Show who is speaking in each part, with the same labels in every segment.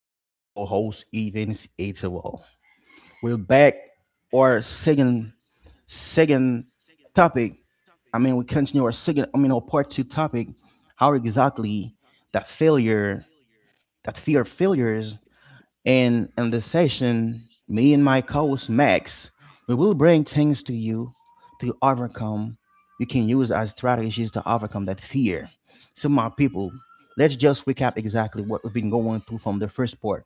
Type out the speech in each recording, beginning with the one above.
Speaker 1: he's your host, Evans Atewell. We're back. Our second topic. I mean, we continue our second. I mean, Our part two topic. How exactly that failure, that fear of failures, and in this session, me and my co-host Max, we will bring things to you to overcome. You can use as strategies to overcome that fear. So, my people, let's just recap exactly what we've been going through from the first part.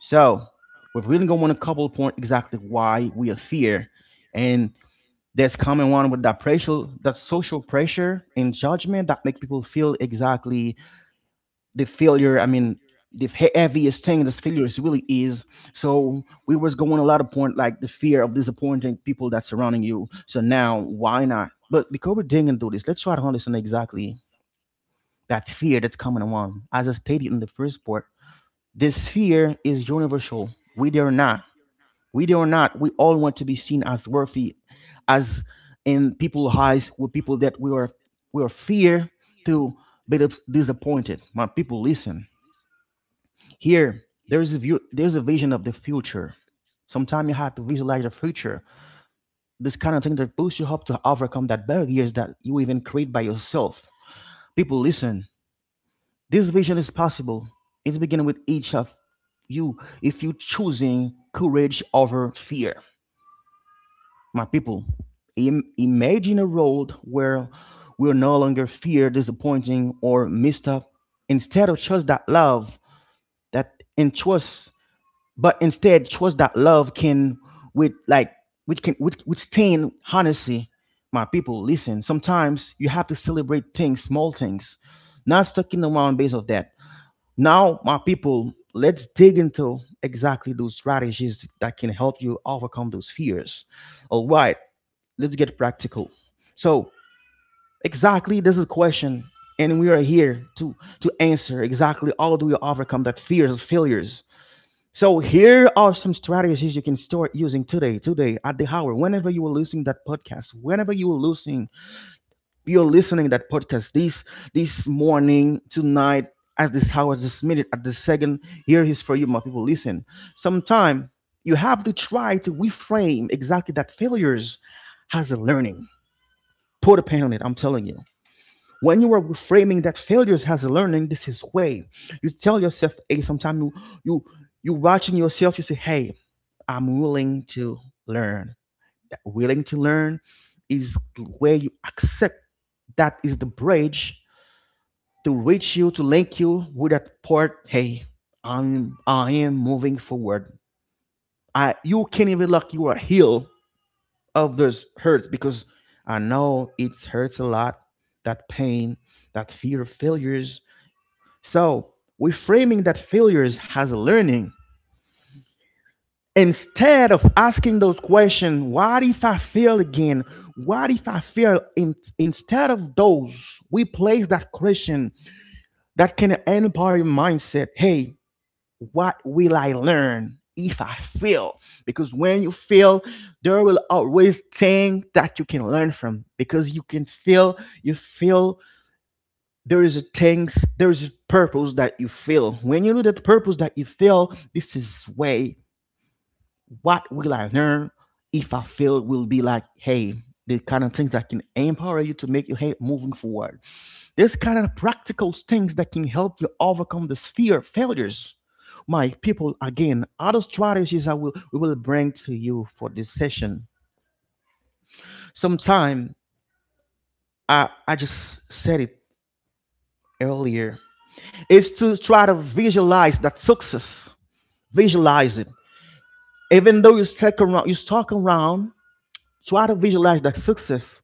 Speaker 1: So, we're really going on a couple point exactly why we are fear, and that's coming one with that pressure, that social pressure and judgment that make people feel exactly the failure, the heaviest thing this failure is really is. So we was going a lot of point like the fear of disappointing people that's surrounding you. So now why not, but because we're digging through this, let's try to understand exactly that fear that's coming along. As I stated in the first part, this fear is universal. We dare not we dare not We all want to be seen as worthy as in people's eyes. With people that we are, we are fear to be disappointed. My people, listen here, there is a view, there's a vision of the future. Sometimes you have to visualize the future. This kind of thing that boosts you up to overcome that barriers that you even create by yourself. People, listen. This vision is possible. It's beginning with each of you if you choosing courage over fear. My people, imagine a world where we're no longer fear, disappointing, or missed up. Instead of trust that love, that and trust but instead trust that love can, with like which can which withstand honesty. My people, listen, sometimes you have to celebrate things, small things, not sticking around based of that. Now, my people, let's dig into exactly those strategies that can help you overcome those fears. All right, let's get practical. So exactly, this is a question, and we are here to answer exactly, how do you overcome that fears of failures? So here are some strategies you can start using today, today at the hour, whenever you are listening that podcast, whenever you are listening, you're listening that podcast this morning, tonight, as this hour, this minute, at this second. Here is for you, my people. Listen. Sometime you have to try to reframe exactly that failures as a learning. Put a pen on it. I'm telling you. When you are framing that failures has a learning, this is way. You tell yourself, hey, sometimes you you watching yourself, you say, hey, I'm willing to learn. That willing to learn is where you accept, that is the bridge to reach you, to link you with that part. Hey, I am moving forward. I, you can't even look, you are heal of those hurts, because I know it hurts a lot, that pain, that fear of failures. So, reframing that failures as a learning. Instead of asking those questions, what if I fail again? What if I fail? Instead of those, we place that question that can empower your mindset. Hey, what will I learn if I fail? Because when you fail, there will always things that you can learn from. Because you can fail, you fail, there is a things, there is a purpose that you feel. When you know the purpose that you feel, this is way. What will I learn if I feel? Will be like, hey, the kind of things that can empower you to make you head moving forward. This kind of practical things that can help you overcome this fear of failures. My people, again, other strategies I will we will bring to you for this session. Sometime, I just said it earlier, is to try to visualize that success. Visualize it. Even though you stuck around, try to visualize that success.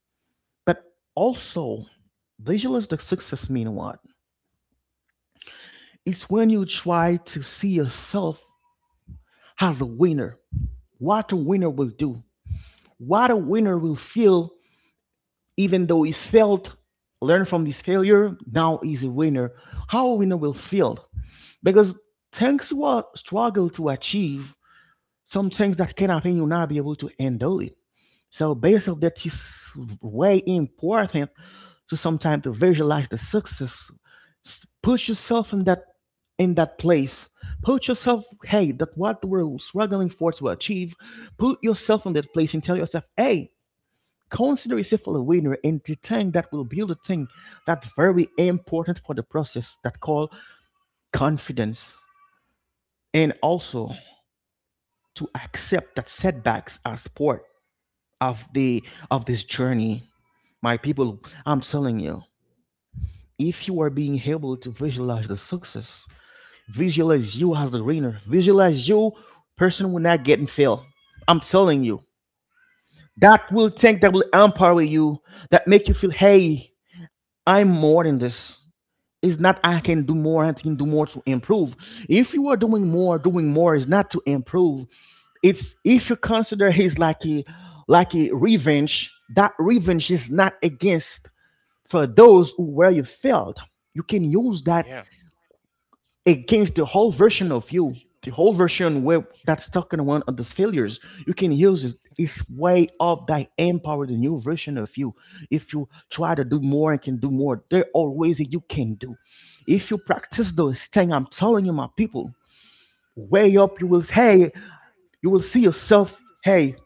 Speaker 1: But also, visualize the success mean what? It's when you try to see yourself as a winner. What a winner will do. What a winner will feel, even though he failed, learn from his failure, now he's a winner. How a winner will feel. Because things what struggle to achieve, some things that can happen you'll not be able to handle it. So based on that, it's way important to sometimes to visualize the success. Put yourself in that place. Put yourself, hey, that what we're struggling for to achieve. Put yourself in that place and tell yourself, hey, consider yourself a winner, and the thing that will build a thing that's very important for the process, that call confidence. And also, to accept that setbacks are support of the of this journey. My people, I'm telling you, if you are being able to visualize the success, visualize you as the winner, visualize you person will not getting fail, I'm telling you, that will think, that will empower you, that make you feel, hey, I'm more than this. It's not, I can do more, I can do more to improve. If you are doing more, doing more is not to improve. It's if you consider his like a revenge, that revenge is not against for those who where you failed. You can use that against the whole version of you, the whole version where that's talking one of those failures. You can use it. It's way up that empower the new version of you. If you try to do more and can do more, there are ways you can do. If you practice those things, I'm telling you, my people, way up, you will, hey, you will see yourself. Hey,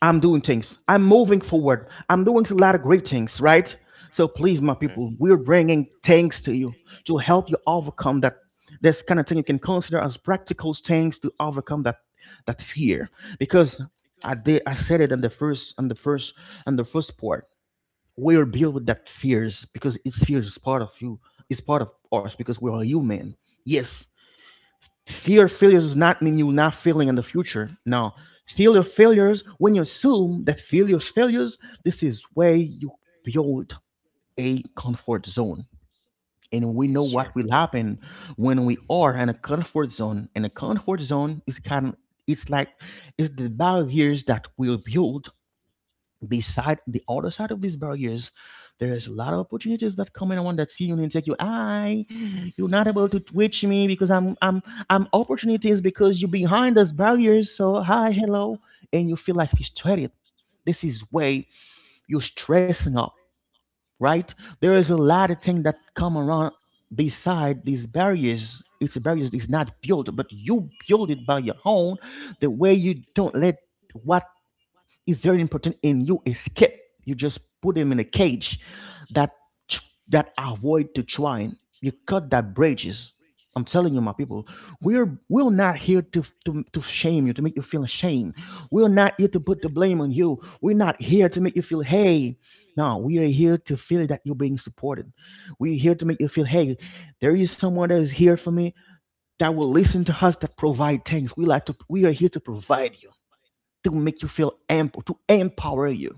Speaker 1: I'm doing things. I'm moving forward. I'm doing a lot of great things, right? So please, my people, we're bringing things to you to help you overcome that. This kind of thing you can consider as practical things to overcome that fear. Because I said it in the first, on the first part. We are built with that fears because it's fear is part of you. It's part of us because we are human. Yes. Fear failures does not mean you're not failing in the future. No. Fear of failures, when you assume that failure is failures, this is where you build a comfort zone. And we know what will happen when we are in a comfort zone. And a comfort zone is kind of, it's like, it's the barriers that we build beside. The other side of these barriers, there is a lot of opportunities that come in. I want that see you and take you. I, you're not able to reach me because I'm opportunities because you're behind those barriers. So hi, hello, and you feel like frustrated. This is way you're stressing up, right? There is a lot of things that come around beside these barriers. It's barriers is not built, but you build it by your own. The way you don't let what is very important and you escape, you just put him in a cage that tr- that avoid to twine, you cut that bridges. I'm telling you, my people, we're not here to to shame you, to make you feel ashamed. We're not here to put the blame on you. We're not here to make you feel, hey, no, we are here to feel that you're being supported. We're here to make you feel, hey, there is someone that is here for me, that will listen to us, that provide things we like to. We are here to provide you, to make you feel amp to empower you.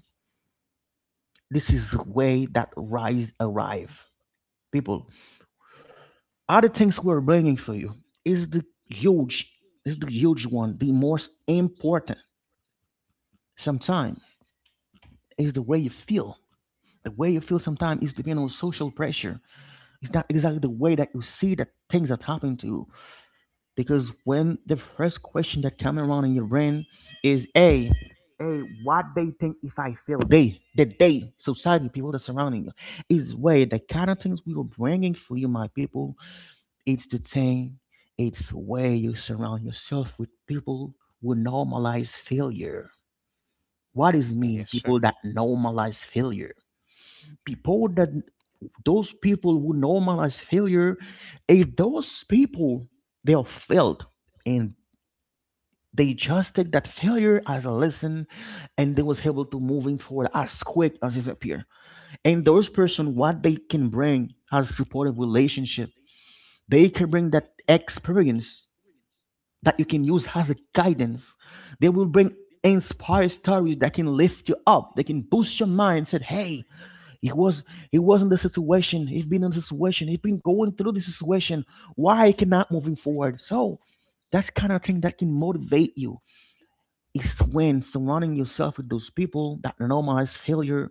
Speaker 1: This is the way that rise arrive. People, other things we're bringing for you is the huge, is the huge one, the most important. Sometimes is the way you feel. The way you feel sometimes is depending on social pressure. It's not exactly the way that you see that things are happening to you. Because when the first question that come around in your brain is a, hey, what they think if I fail? They society, people that surrounding you. Is where the kind of things we were bringing for you, my people. It's the thing, it's where you surround yourself with people who normalize failure. What does mean people that normalize failure? People that, those people who normalize failure, if those people they are failed, and they just take that failure as a lesson, and they was able to moving forward as quick as it appear. And those person, what they can bring as supportive relationship, they can bring that experience that you can use as a guidance. They will bring inspire stories that can lift you up. They can boost your mind. Said, hey, it was, it wasn't the situation. He's been in the situation. He's been going through the situation. Why I cannot moving forward? So that's kind of thing that can motivate you is when surrounding yourself with those people that normalize failure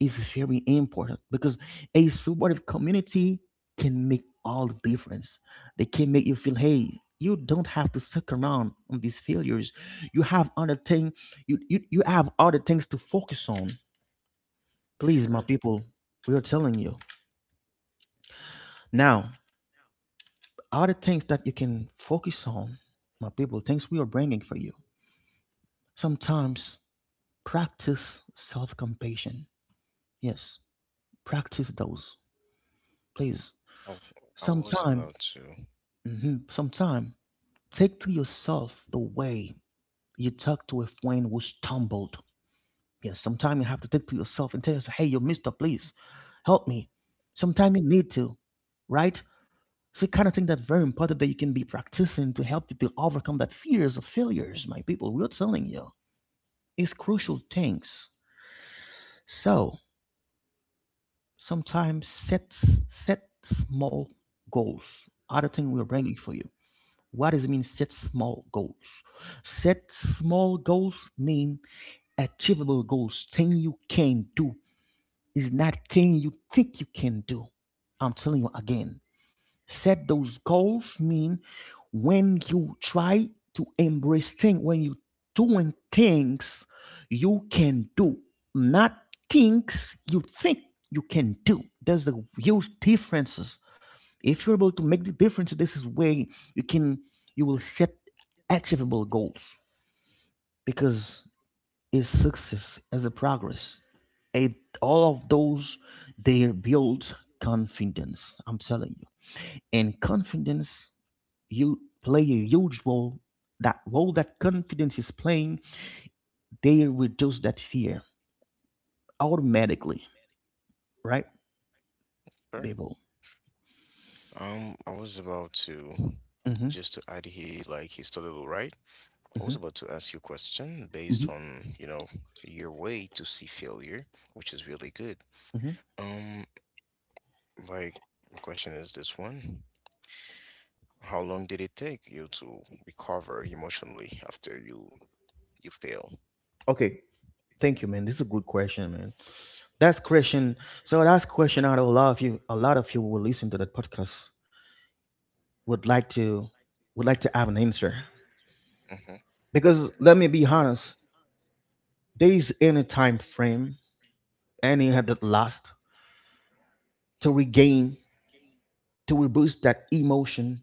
Speaker 1: is very important because a supportive community can make all the difference. They can make you feel, hey, you don't have to suck around on these failures. You have other thing, you have other things to focus on. Please, my people, we are telling you now. Other things that you can focus on, my people, things we are bringing for you. Sometimes practice self-compassion. Yes. Practice those, please. Sometime, mhm, sometime, take to yourself the way you talk to a friend who stumbled. Yes, sometime you have to take to yourself and tell yourself, hey, you mister, please help me. Sometime you need to, right? So kind of thing that's very important that you can be practicing to help you to overcome that fears of failures, my people. We're telling you. It's crucial things. So sometimes set small goals. Other thing we're bringing for you. What does it mean set small goals? Set small goals mean achievable goals, thing you can do. It's not thing you think you can do. I'm telling you again. Set those goals mean when you try to embrace things, when you doing things you can do, not things you think you can do. There's a huge difference. If you're able to make the difference, this is way you can you will set achievable goals because is success as a progress. It, all of those they build confidence. I'm telling you, and confidence you play a huge role. That role that confidence is playing, they reduce that fear automatically, right, Babel? Mm-hmm. Mm-hmm. Mhm. Mm-hmm. Okay. Thank you, man. This is a good question, man. That's question. So that's question out of a lot of you. A lot of you who will listen to that podcast would like to would like to have an answer because let me be honest. There is any time frame, any had that last to regain to reboost that emotion,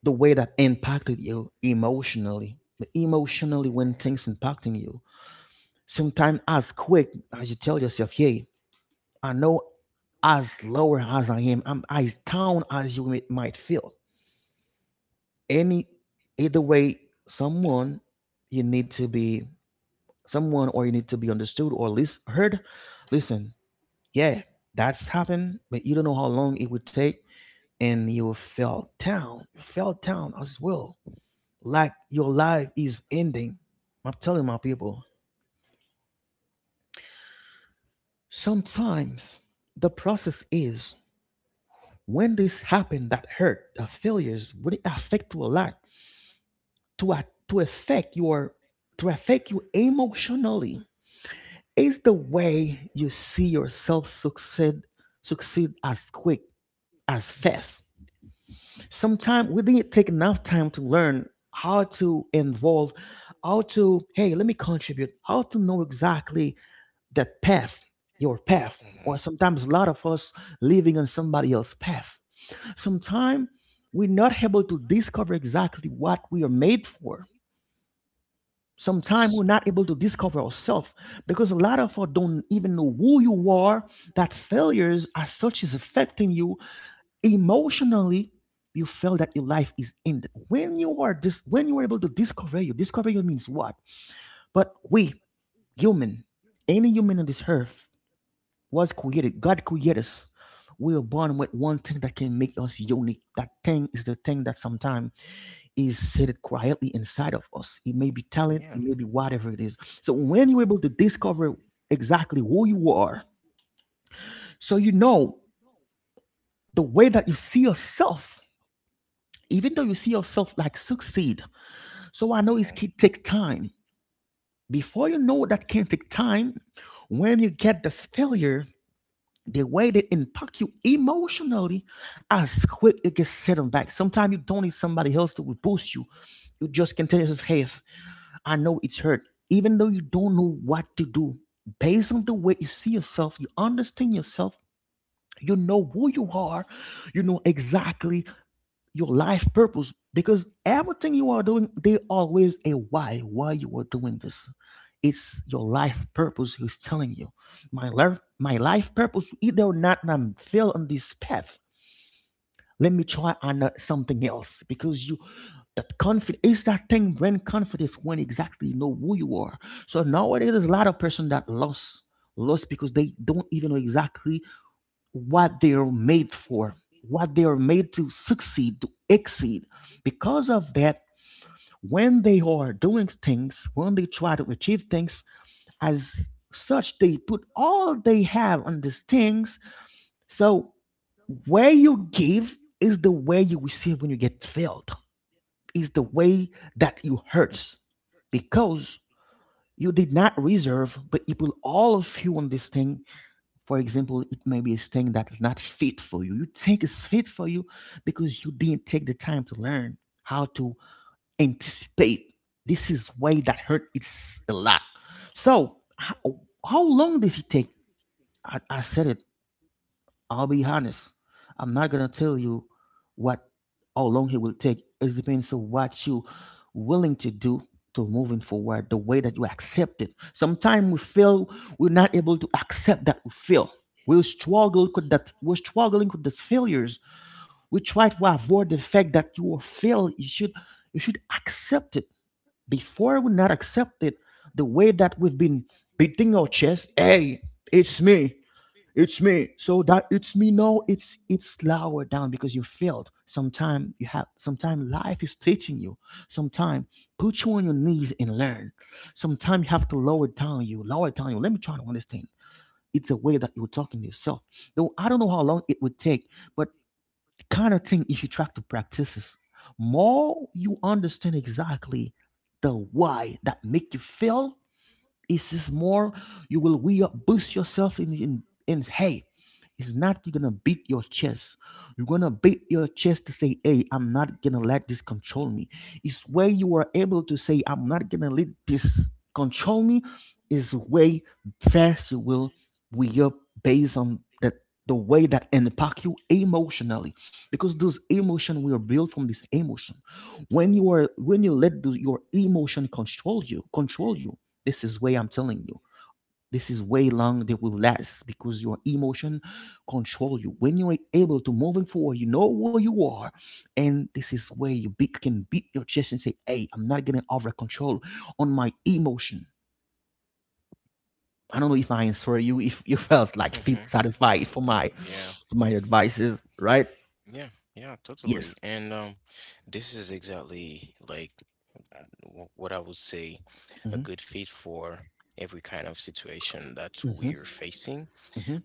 Speaker 1: the way that impacted you emotionally. Emotionally, when things impacting you, sometimes as quick as you tell yourself, "Yay." I know as lower as I am, I'm as down as you might feel. Any, either way, someone you need to be someone or you need to be understood or at least heard. Listen, yeah, that's happened, but you don't know how long it would take, and you fell down as well, like your life is ending. I'm telling my people, sometimes the process is when this happened that hurt the failures would affect you a lot to affect your to affect you emotionally is the way you see yourself succeed, succeed as quick as fast. Sometimes we didn't take enough time to learn how to involve how to hey let me contribute how to know exactly that path your path or sometimes a lot of us living on somebody else's path. Sometimes we're not able to discover exactly what we are made for. Sometimes we're not able to discover ourselves because a lot of us don't even know who you are, that failures as such is affecting you emotionally. You feel that your life is ended. When you are when you are able to discover you means what? But we, human, any human on this earth was created. God created us. We are born with one thing that can make us unique. That thing is the thing that sometimes is seated quietly inside of us. It may be talent, it may be whatever it is. So when you're able to discover exactly who you are, so you know the way that you see yourself, even though you see yourself like succeed. So I know it can take time. Before you know that can take time, when you get the failure, the way they impact you emotionally, as quick it gets set on back. Sometimes you don't need somebody else to boost you. You just can tell yourself, hey, I know it's hurt. Even though you don't know what to do, based on the way you see yourself, you understand yourself, you know who you are, you know exactly your life purpose. Because everything you are doing, there always a why you are doing this. It's your life purpose who's telling you. My life purpose, either or not, I'm fail on this path, let me try on something else because you that confidence is that thing when confidence when exactly you know who you are. So nowadays there's a lot of person that lost because they don't even know exactly what they are made for, what they are made to succeed, to exceed. Because of that, when they are doing things, when they try to achieve things, as such they put all they have on these things. So where you give is the way you receive. When you get filled, is the way that you hurts because you did not reserve, but you put all of you on this thing. For example, it may be a thing that is not fit for you. You think it's fit for you because you didn't take the time to learn how to anticipate. This is way that hurt it's a lot. So how long does it take? I said it. I'll be honest. I'm not gonna tell you what how long it will take. It depends on what you willing to do to moving forward, the way that you accept it. Sometimes we feel we're not able to accept that we feel. We're struggling with these failures. We try to avoid the fact that you will fail. You should accept it. Before we not accept it, the way that we've been beating our chest, hey, it's me. It's me. So that it's me now. It's lower down because you failed. Sometime life is teaching you. Sometime put you on your knees and learn. Sometime you have to lower down you. Let me try to understand. It's a way that you're talking to yourself. Though I don't know how long it would take, but the kind of thing if you try to practice is more you understand exactly the why that make you fail, it's just more you will we boost yourself in hey. It's not you're gonna beat your chest. You're gonna beat your chest to say, hey, I'm not gonna let this control me. It's where you are able to say, I'm not gonna let this control me, is way fast you will we up based on that the way that impact you emotionally because those emotion we are built from this emotion. When you let those, your emotion control you, this is way I'm telling you. This is way long that will last because your emotion control you. When you're able to moving forward, you know where you are, and this is where can beat your chest and say, "Hey, I'm not getting over control on my emotion." I don't know if I answer you. If you felt like feel satisfied for my advices, right? Yes. Hmm. Hmm. Hmm.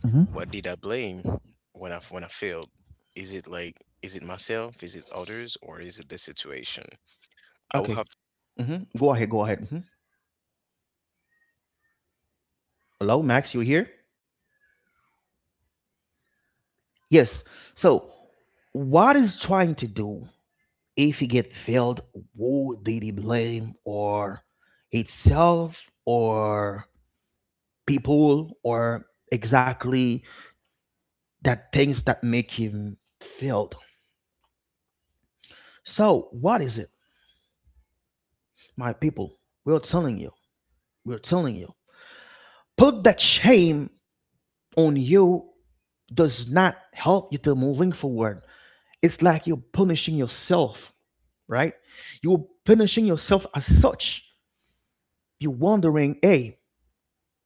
Speaker 1: Hmm. Okay. Hmm. Go ahead. Go ahead. Hmm. Hello, Max. You here? Yes. So, what is trying to do? If he get failed, who did he blame or itself or people or exactly that things that make him failed? So what is it, my people? We're telling you. Put that shame on you does not help you to moving forward. It's like you're punishing yourself, right? You're punishing yourself as such. You're wondering, hey,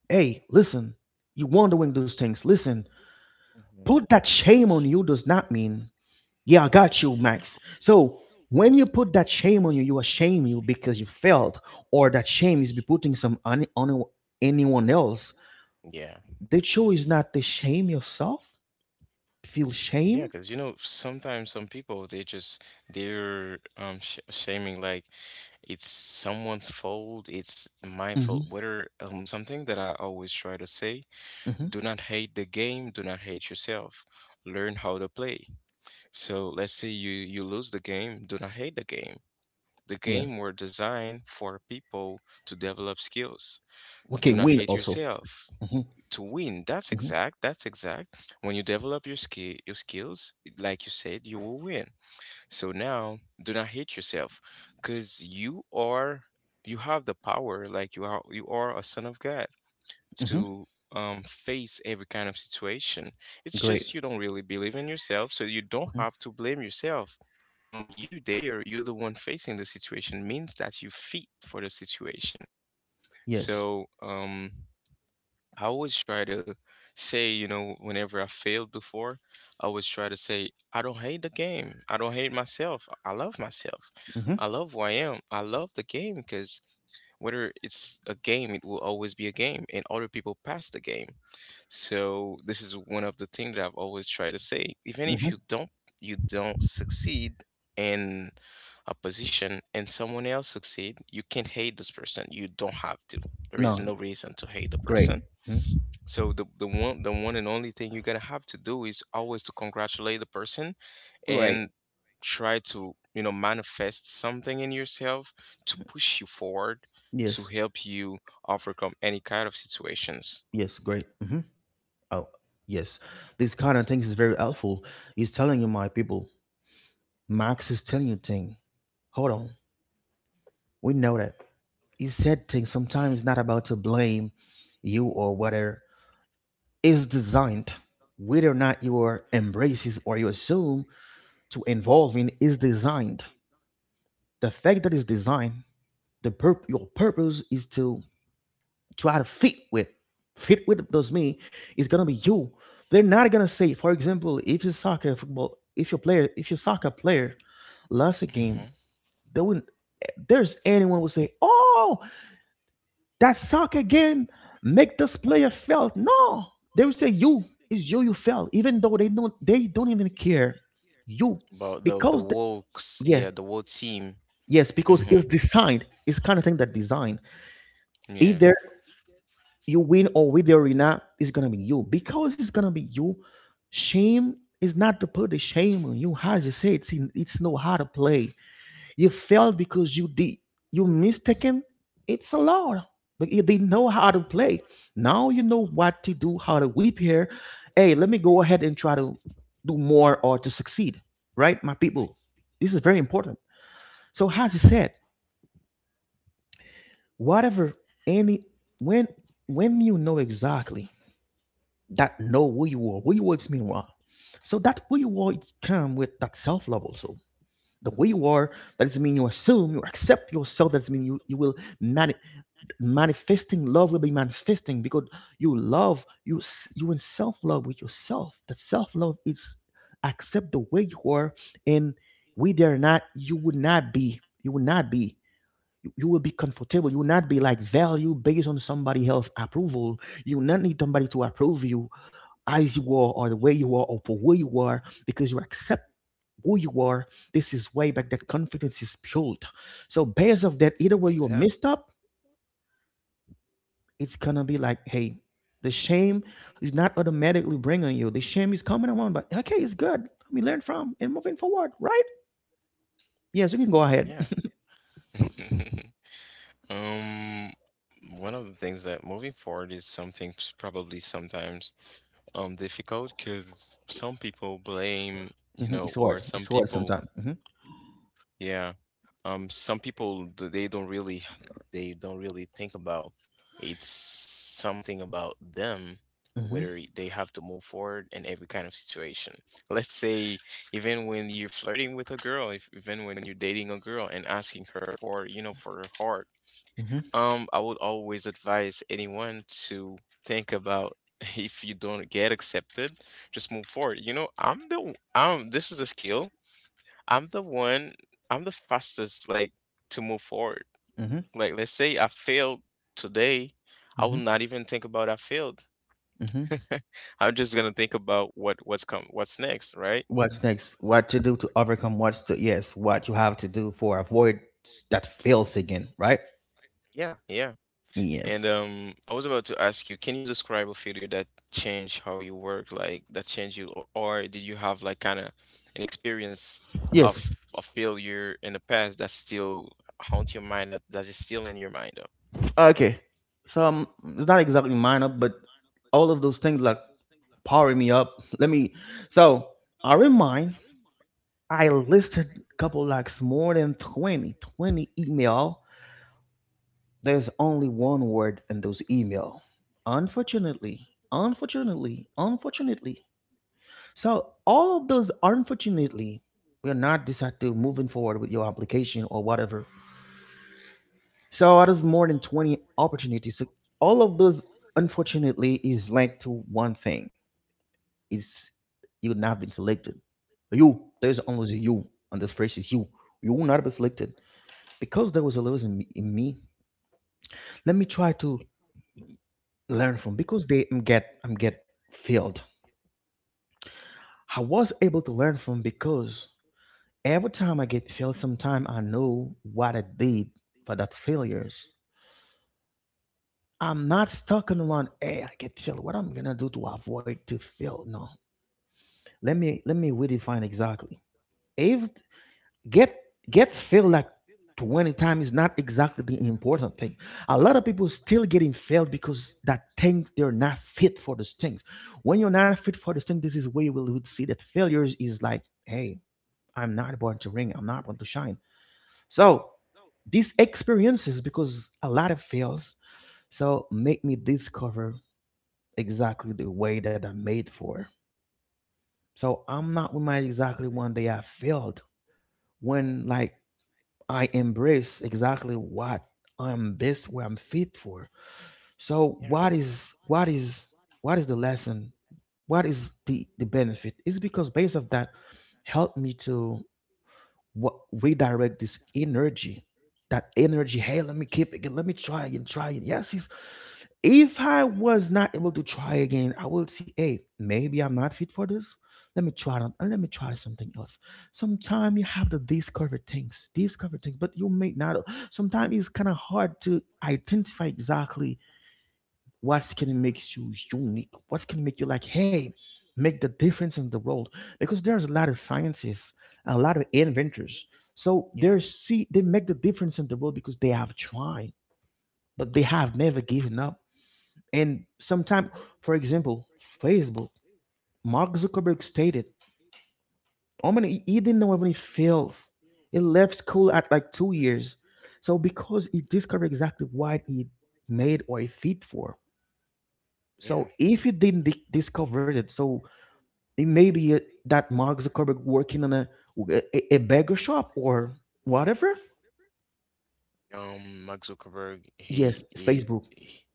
Speaker 1: hey, listen, you wondering those things. Listen,
Speaker 2: Mhm.
Speaker 1: put that shame on you does not mean, yeah, I got you, Max. So when you put that shame on you, you shame you because you failed, or that shame is be putting some on, anyone else.
Speaker 2: Yeah.
Speaker 1: The choice is not to shame yourself, feel
Speaker 2: Yeah,
Speaker 1: shame.
Speaker 2: because you know, sometimes some people they just they're sh shaming like it's someone's fault, it's my
Speaker 1: Hmm.
Speaker 2: fault. Whether Something that I always try to say,
Speaker 1: Hmm.
Speaker 2: do not hate the game, do not hate yourself. Learn how to play. So let's say you lose the game, do not hate the game. The
Speaker 1: Yeah.
Speaker 2: game were designed for people to develop skills.
Speaker 1: Okay,
Speaker 2: Do not
Speaker 1: win
Speaker 2: hate
Speaker 1: also.
Speaker 2: yourself
Speaker 1: Hmm.
Speaker 2: to win. That's
Speaker 1: Hmm.
Speaker 2: exact. That's exact. When you develop your skills, like you said, you will win. So now, do not hate yourself, because you are, you have the power. Like you are a son of God
Speaker 1: Hmm.
Speaker 2: to face every kind of situation. It's
Speaker 1: Great.
Speaker 2: just you don't really believe in yourself, so you don't
Speaker 1: Hmm.
Speaker 2: have to blame yourself. You there, you're the one facing the situation means that you fit for the situation.
Speaker 1: Yes.
Speaker 2: So, I always try to say, you know, whenever I failed before, I always try to say, I don't hate the game. I don't hate myself. I love myself.
Speaker 1: Hmm.
Speaker 2: I love who I am. I love the game because whether it's a game, it will always be a game, and other people pass the game. So this is one of the things that I've always tried to say. Even if you
Speaker 1: Hmm.
Speaker 2: don't, you don't succeed in a position, and someone else succeed, you can't hate this person. You don't have to. There is
Speaker 1: No,
Speaker 2: no reason to hate the
Speaker 1: great.
Speaker 2: person,
Speaker 1: Mhm.
Speaker 2: so the one and only thing you're gonna have to do is always to congratulate the person
Speaker 1: Great.
Speaker 2: and try to, you know, manifest something in yourself to push you forward to
Speaker 1: Yes.
Speaker 2: help you overcome any kind of situations.
Speaker 1: Yes, great. Mhm. Oh, yes. These kind of things is very helpful. He's telling you, my people. Max is telling you thing. Hold on. We know that. He said things sometimes not about to blame you or whether is designed, whether or not you are embraces or you assume to involve in is designed. The fact that it's designed, the purp your purpose is to try to fit with. Fit with does mean it's gonna be you. They're not gonna say, for example, if you soccer football, if your soccer player lost a
Speaker 2: Hmm.
Speaker 1: game, they wouldn't. There's anyone will say, "Oh, that soccer game make this player felt." No, they will say, "You, it's you. You felt," even though they don't. They don't even care. You,
Speaker 2: But the
Speaker 1: because
Speaker 2: woke,
Speaker 1: yeah,
Speaker 2: yeah, the whole team.
Speaker 1: yes, because
Speaker 2: Hmm.
Speaker 1: it's designed. It's kind of thing that design. If
Speaker 2: Yeah.
Speaker 1: there you win or with the arena is gonna be you because it's gonna be you. Shame is not to put the shame on you. As you say, it's in, it's know how to play. You failed because you did you mistaken. It's a lot, but you didn't know how to play. Now you know what to do, how to whip here. Hey, let me go ahead and try to do more or to succeed. Right, my people. This is very important. So as you said, whatever any when you know exactly that know who you are is meanwhile. So that who you are, it's come with that self-love also. The way you are, that doesn't mean you assume, you accept yourself. That doesn't mean you will mani- manifesting love will be manifesting because you love you in self-love with yourself. That self-love is accept the way you are, and we dare not. You would not be. You would not be. You will be comfortable. You will not be like value based on somebody else approval. You will not need somebody to approve you as you are or the way you are or for who you are because you accept who you are. This is way back that confidence is built. So based of that, either way you're messed up, it's gonna be like, hey, the shame is not automatically bringing you. The shame is coming around, but okay, it's good we learn from and moving forward, right? Yes, you can go ahead.
Speaker 2: Yeah. Um, One of the things that moving forward is something probably sometimes difficult because some people blame, you know,
Speaker 1: It's
Speaker 2: or
Speaker 1: hard,
Speaker 2: some
Speaker 1: it's hard
Speaker 2: people,
Speaker 1: sometimes.
Speaker 2: yeah, some people they don't really think about it's something about them
Speaker 1: Hmm
Speaker 2: whether they have to move forward in every kind of situation. Let's say even when you're flirting with a girl, if even when you're dating a girl and asking her for, you know, for her heart,
Speaker 1: hmm
Speaker 2: I would always advise anyone to think about if you don't get accepted, just move forward. You know, this is a skill. I'm the one I'm the fastest like to move forward.
Speaker 1: hmm
Speaker 2: Like let's say I failed today, I will
Speaker 1: hmm
Speaker 2: not even think about I failed.
Speaker 1: hmm
Speaker 2: I'm just gonna think about what's next, right?
Speaker 1: what's next, what to do to overcome what's to, yes, what you have to do for avoid that fails again, right?
Speaker 2: Yeah, yeah. And
Speaker 1: Yes.
Speaker 2: I was about to ask you, can you describe a failure that changed how you work, like that changed you, or did you have like kind of an experience
Speaker 1: Yes.
Speaker 2: of a failure in the past that still haunt your mind, that that is still in your mind though?
Speaker 1: Okay. So it's not exactly minor, but all of those things like powering me up. Let me. So I in mind. I listed couple likes more than 20 email. There's only one word in those email. Unfortunately, unfortunately, unfortunately. So all of those unfortunately, we are not decided moving forward with your application or whatever. So out of more than 20 opportunities, so all of those unfortunately is linked to one thing. Is you would not have been selected. You, there's always a you on this phrase is you. You will not be selected. Because there was a loss in me, let me try to learn from because they am get I'm get failed. I was able to learn from because every time I get failed sometime I know what I did for that failures. I'm not stuck on one. Hey, I get filled. What I'm gonna do to avoid to feel? No. Let me redefine exactly. If get get filled like 20 times is not exactly the important thing. A lot of people still getting failed because that thinks they're not fit for those things. When you're not fit for those things, this is where you will would see that failures is like, hey, I'm not born to ring. I'm not born to shine. So these experiences, because a lot of fails, so make me discover exactly the way that I'm made for. So I'm not with my exactly one day I failed when like I embrace exactly what I'm best where I'm fit for. So
Speaker 2: Yeah,
Speaker 1: what is the lesson? What is the benefit? It's because base of that helped me to what redirect this energy. That energy, hey, let me keep it. Let me try and try it. Yes, it's if I was not able to try again, I will see, hey, maybe I'm not fit for this. Let me try it and let me try something else. Sometimes you have to discover things, but you may not. Sometimes it's kind of hard to identify exactly what's going to make you unique, what's going to make you like, hey, make the difference in the world. Because there's a lot of scientists, a lot of inventors. So they
Speaker 2: yeah,
Speaker 1: see they make the difference in the world because they have tried, but they have never given up and sometime, for example, Facebook, Mark Zuckerberg stated, "How many?" He didn't know how many fails. He left school at like 2 years. So because he discovered exactly what he made or he fit for.
Speaker 2: yeah.
Speaker 1: So if he didn't di- discover it, so it may be that Mark Zuckerberg working on a burger shop or whatever.
Speaker 2: Mark Zuckerberg, he
Speaker 1: Yes,
Speaker 2: he,
Speaker 1: Facebook.
Speaker 2: he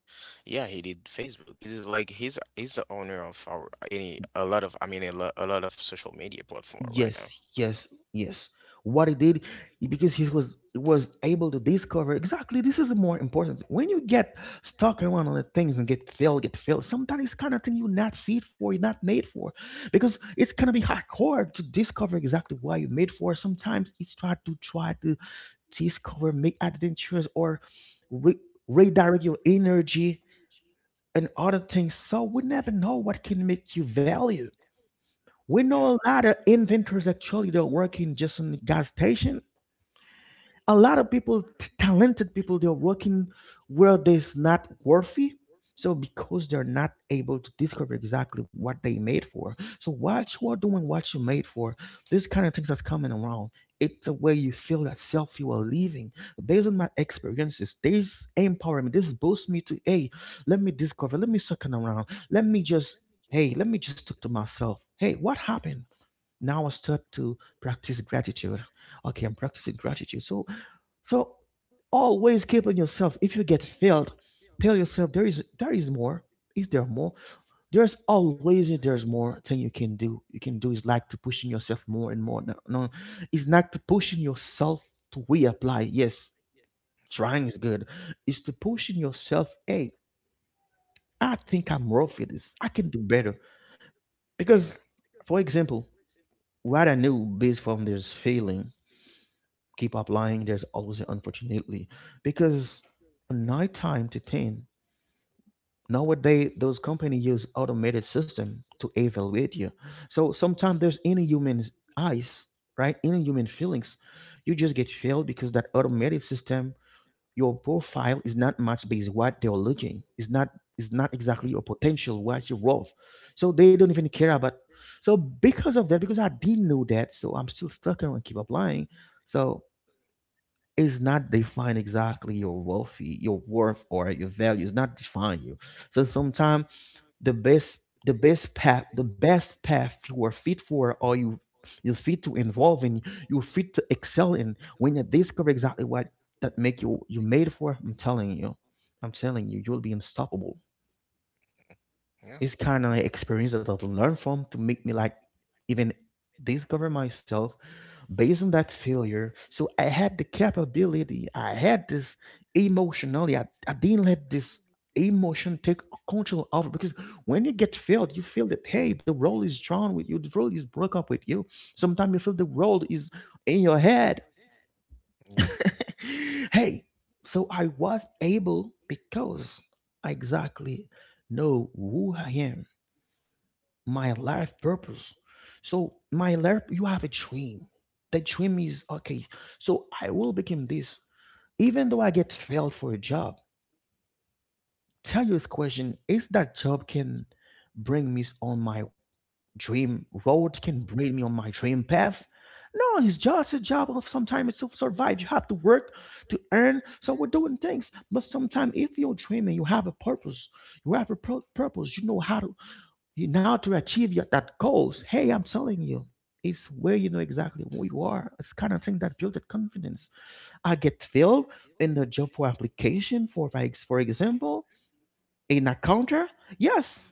Speaker 2: yeah, he did Facebook. He's just like he's the owner of our any a lot of I mean a lot of social media platform right now.
Speaker 1: Yes, yes, yes. What he did, because he was able to discover exactly this is the more important. When you get stuck around on the things and get filled, sometimes it's kind of thing you're not fit for, you're not made for, because it's gonna be hard to discover exactly why you're made for. Sometimes it's try to discover, make adventures, or re- redirect your energy and other things. So we never know what can make you value. We know
Speaker 2: Yeah,
Speaker 1: a lot of inventors actually they're working just in gas station. A lot of people, talented people, they're working where there's not worthy. So because they're not able to discover exactly what they made for. So what you are doing, what you made for, this kind of things that's coming around. It's a way you feel that self you are living. Based on my experiences, this empower me, this boosts me to, hey, let me discover, let me second around, let me just, hey, let me just talk to myself. Hey, what happened? Now I start to practice gratitude. Okay, I'm practicing gratitude. So so always keep on yourself if you get failed, tell yourself there is more. Is there more? There's always there's more thing you can do. You can do is like to pushing yourself more and more. No, no, it's not to pushing yourself to reapply. Yes, trying is good. It's to pushing yourself, hey, I think I'm worth for this, I can do better.
Speaker 2: yeah.
Speaker 1: Because, for example, what I knew based from this feeling, keep applying. There's always an unfortunately because nighttime to 10 nowadays those companies use automated system to evaluate you. So sometimes there's any human eyes, right, any human feelings. You just get failed because that automated system, your profile is not matched based what they're looking. It's not, it's not exactly
Speaker 2: Mhm.
Speaker 1: your potential, what you're worth. So they don't even care about. So because of that, because I didn't know that, so I'm still stuck and I keep applying. So is not define exactly your worth or your value. It's not define you. So sometimes the best the best path you are fit for or you fit to involve in, you fit to excel in when you discover exactly what that make you you made for. I'm telling you, I'm telling you, you'll be unstoppable.
Speaker 2: Yeah,
Speaker 1: It's kind of experience that I've learned from to make me like even discover myself based on that failure. So I had the capability, I had this emotionally, I didn't let this emotion take control over because when you get failed, you feel that hey, the role is drawn with you, the role is broke up with you. Sometimes you feel the role is in your head.
Speaker 2: yeah.
Speaker 1: Hey, so I was able because I exactly know who I am, my life purpose. So my life, you have a dream. That dream is okay. So I will become this. Even though I get failed for a job, tell you this question: is that job can bring me on my dream road? Can bring me on my dream path? No, it's just a job of sometimes it's to survive. You have to work to earn. So we're doing things. But sometimes if you're dreaming, you have a purpose. You have a purpose. You know how to you now to achieve your, that goals. Hey, I'm telling you, it's where you know exactly who you are. It's kind of thing that build that confidence. I get filled in the job for application for my for example, in a counter. Yes,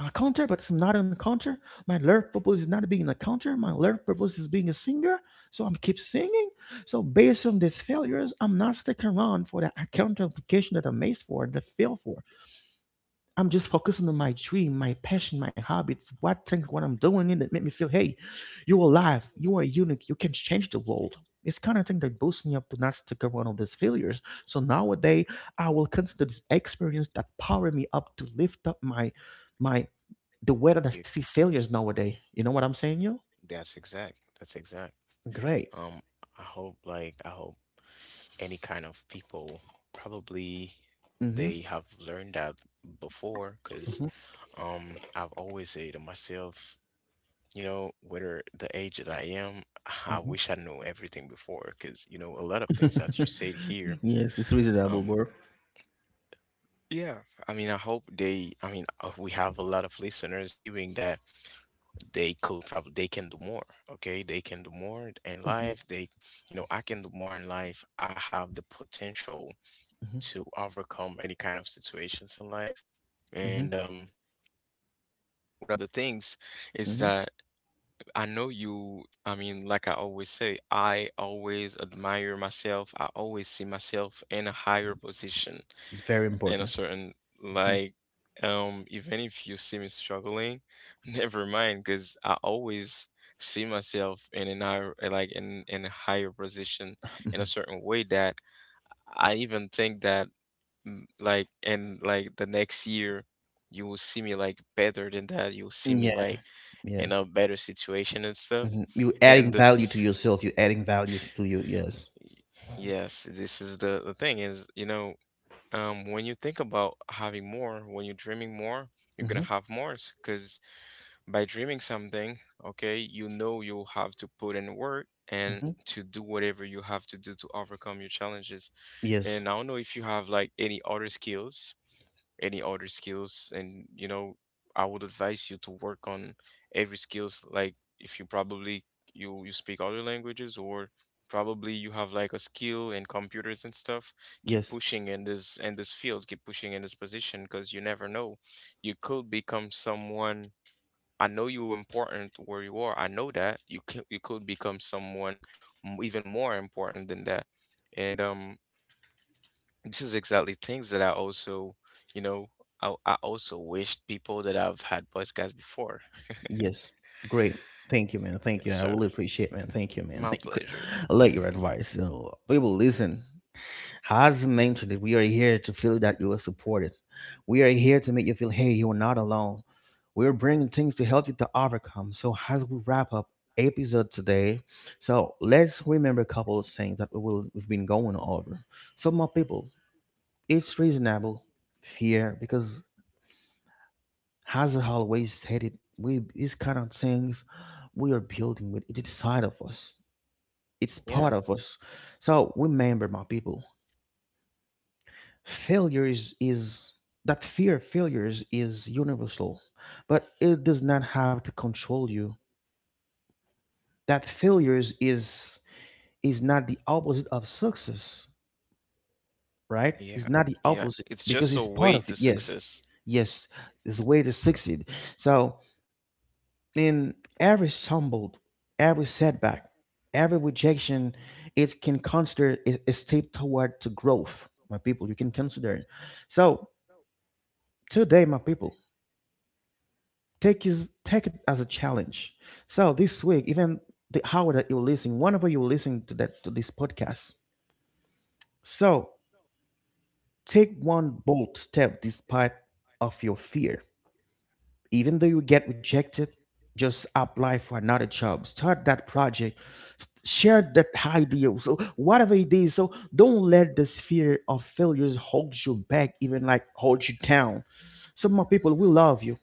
Speaker 1: a counter, but it's not a counter. My learned purpose is not being a counter. My learned purpose is being a singer. So I'm keep singing. So based on these failures, I'm not sticking around for the account application that I missed for the fail for. I'm just focusing on my dream, my passion, my habits, what things, what I'm doing, and it make me feel, hey, you're alive, you are unique, you can change the world. It's kind of thing that boosts me up to not stick around on these failures. So nowadays, I will consider this experience that power me up to lift up my, my the way that I
Speaker 2: You.
Speaker 1: see failures nowadays. You know what I'm saying, you?
Speaker 2: That's exact. That's exact.
Speaker 1: Great.
Speaker 2: Um, I hope like I hope any kind of people probably
Speaker 1: Mm-hmm.
Speaker 2: they have learned that before because
Speaker 1: Mhm,
Speaker 2: I've always said to myself, you know, whether the age that I am, I
Speaker 1: mhm.
Speaker 2: wish I knew everything before because you know a lot of things that you said here.
Speaker 1: Yes, it's reasonable,
Speaker 2: um
Speaker 1: bro.
Speaker 2: Yeah, I mean, I hope they, I mean, we have a lot of listeners hearing that they could probably, they can do more, okay? They can do more in
Speaker 1: mhm,
Speaker 2: life. They, you know, I can do more in life. I have the potential
Speaker 1: mhm,
Speaker 2: to overcome any kind of situations in life.
Speaker 1: mhm,
Speaker 2: And one of the things is
Speaker 1: mhm.
Speaker 2: that I know you, I mean, like I always say, I always admire myself. I always see myself in a higher position
Speaker 1: Very
Speaker 2: in a
Speaker 1: important.
Speaker 2: certain
Speaker 1: Mhm,
Speaker 2: like even if you see me struggling, never mind, because I always see myself in an higher like in a higher position in a
Speaker 1: mhm.
Speaker 2: certain way that I even think that like in like the next year you will see me like better than that, you'll see me
Speaker 1: Yeah.
Speaker 2: like
Speaker 1: Yeah.
Speaker 2: in a better situation and stuff.
Speaker 1: You're
Speaker 2: And
Speaker 1: adding
Speaker 2: the
Speaker 1: value to yourself. You're adding values to you. Yes.
Speaker 2: yes, this is the thing is you know, when you think about having more, when you're dreaming more, you're gonna
Speaker 1: hmm
Speaker 2: have more. Because by dreaming something, okay, you know you have to put in work and
Speaker 1: hmm
Speaker 2: to do whatever you have to do to overcome your challenges.
Speaker 1: Yes.
Speaker 2: And I don't know if you have like any other skills, any other skills and you know I would advise you to work on every skills, like if you probably you speak other languages or probably you have like a skill in computers and stuff, keep
Speaker 1: Yes.
Speaker 2: pushing in this field, keep pushing in this position, because you never know, you could become someone. I know you're important where you are, I know that you can, you could become someone even more important than that. And this is exactly things that I also, you know, I also wished people that I've had podcasts before.
Speaker 1: Yes. Great. Thank you, man. Thank
Speaker 2: Yes,
Speaker 1: you. I
Speaker 2: sir.
Speaker 1: really appreciate, man. Thank you, man.
Speaker 2: My
Speaker 1: Thank you.
Speaker 2: pleasure.
Speaker 1: I like your advice. So, people, listen. Has mentioned that we are here to feel that you are supported. We are here to make you feel, hey, you are not alone. We're bringing things to help you to overcome. So, as we wrap up episode today, so let's remember a couple of things that we've been going over. So, my people, it's reasonable fear because, as I always said it, we these kind of things we are building with it's side of us. It's
Speaker 2: Yeah,
Speaker 1: part of us. So remember, my people. Failure is That fear, failures is universal, but it does not have to control you. That failures is not the opposite of success, right? It's
Speaker 2: yeah,
Speaker 1: not the
Speaker 2: yeah.
Speaker 1: opposite
Speaker 2: It's
Speaker 1: because
Speaker 2: just a
Speaker 1: it's part
Speaker 2: way
Speaker 1: of it.
Speaker 2: to
Speaker 1: Yes.
Speaker 2: success.
Speaker 1: Yes. It's a way to succeed. So in every stumble, every setback, every rejection, it can consider a step toward to growth. My people, you can consider it. So today, my people, take it as a challenge. So this week, even the hour that you're listening, whenever you're listening to that to this podcast, so take one bold step despite of your fear. Even though you get rejected, just apply for another job, start that project, share that idea, so whatever it is, so don't let this fear of failures hold you back, even like hold you down. So my people, we love you,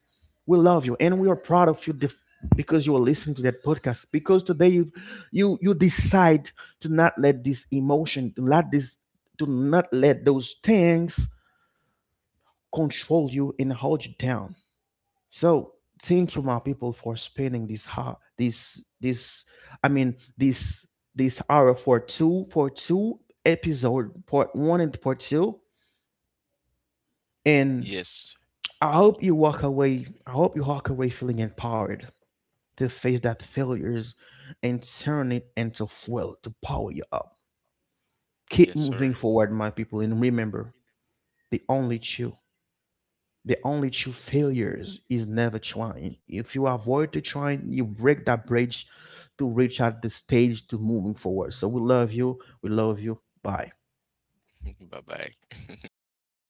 Speaker 1: we love you, and we are proud of you because you are listening to that podcast, because today you decide to not let this emotion, to not let those things control you and hold you down. So thank you, my people, for spending this I mean this hour for two episode, part one and part two. And
Speaker 2: Yes,
Speaker 1: I hope you walk away. I hope you walk away feeling empowered to face that failures and turn it into fuel to power you up. Keep
Speaker 2: yes,
Speaker 1: moving
Speaker 2: sir.
Speaker 1: forward, my people, and remember they only chew. The only true failures is never trying. If you avoid the trying, you break that bridge to reach at the stage to moving forward. So we love you. We love you. Bye.
Speaker 2: Bye bye.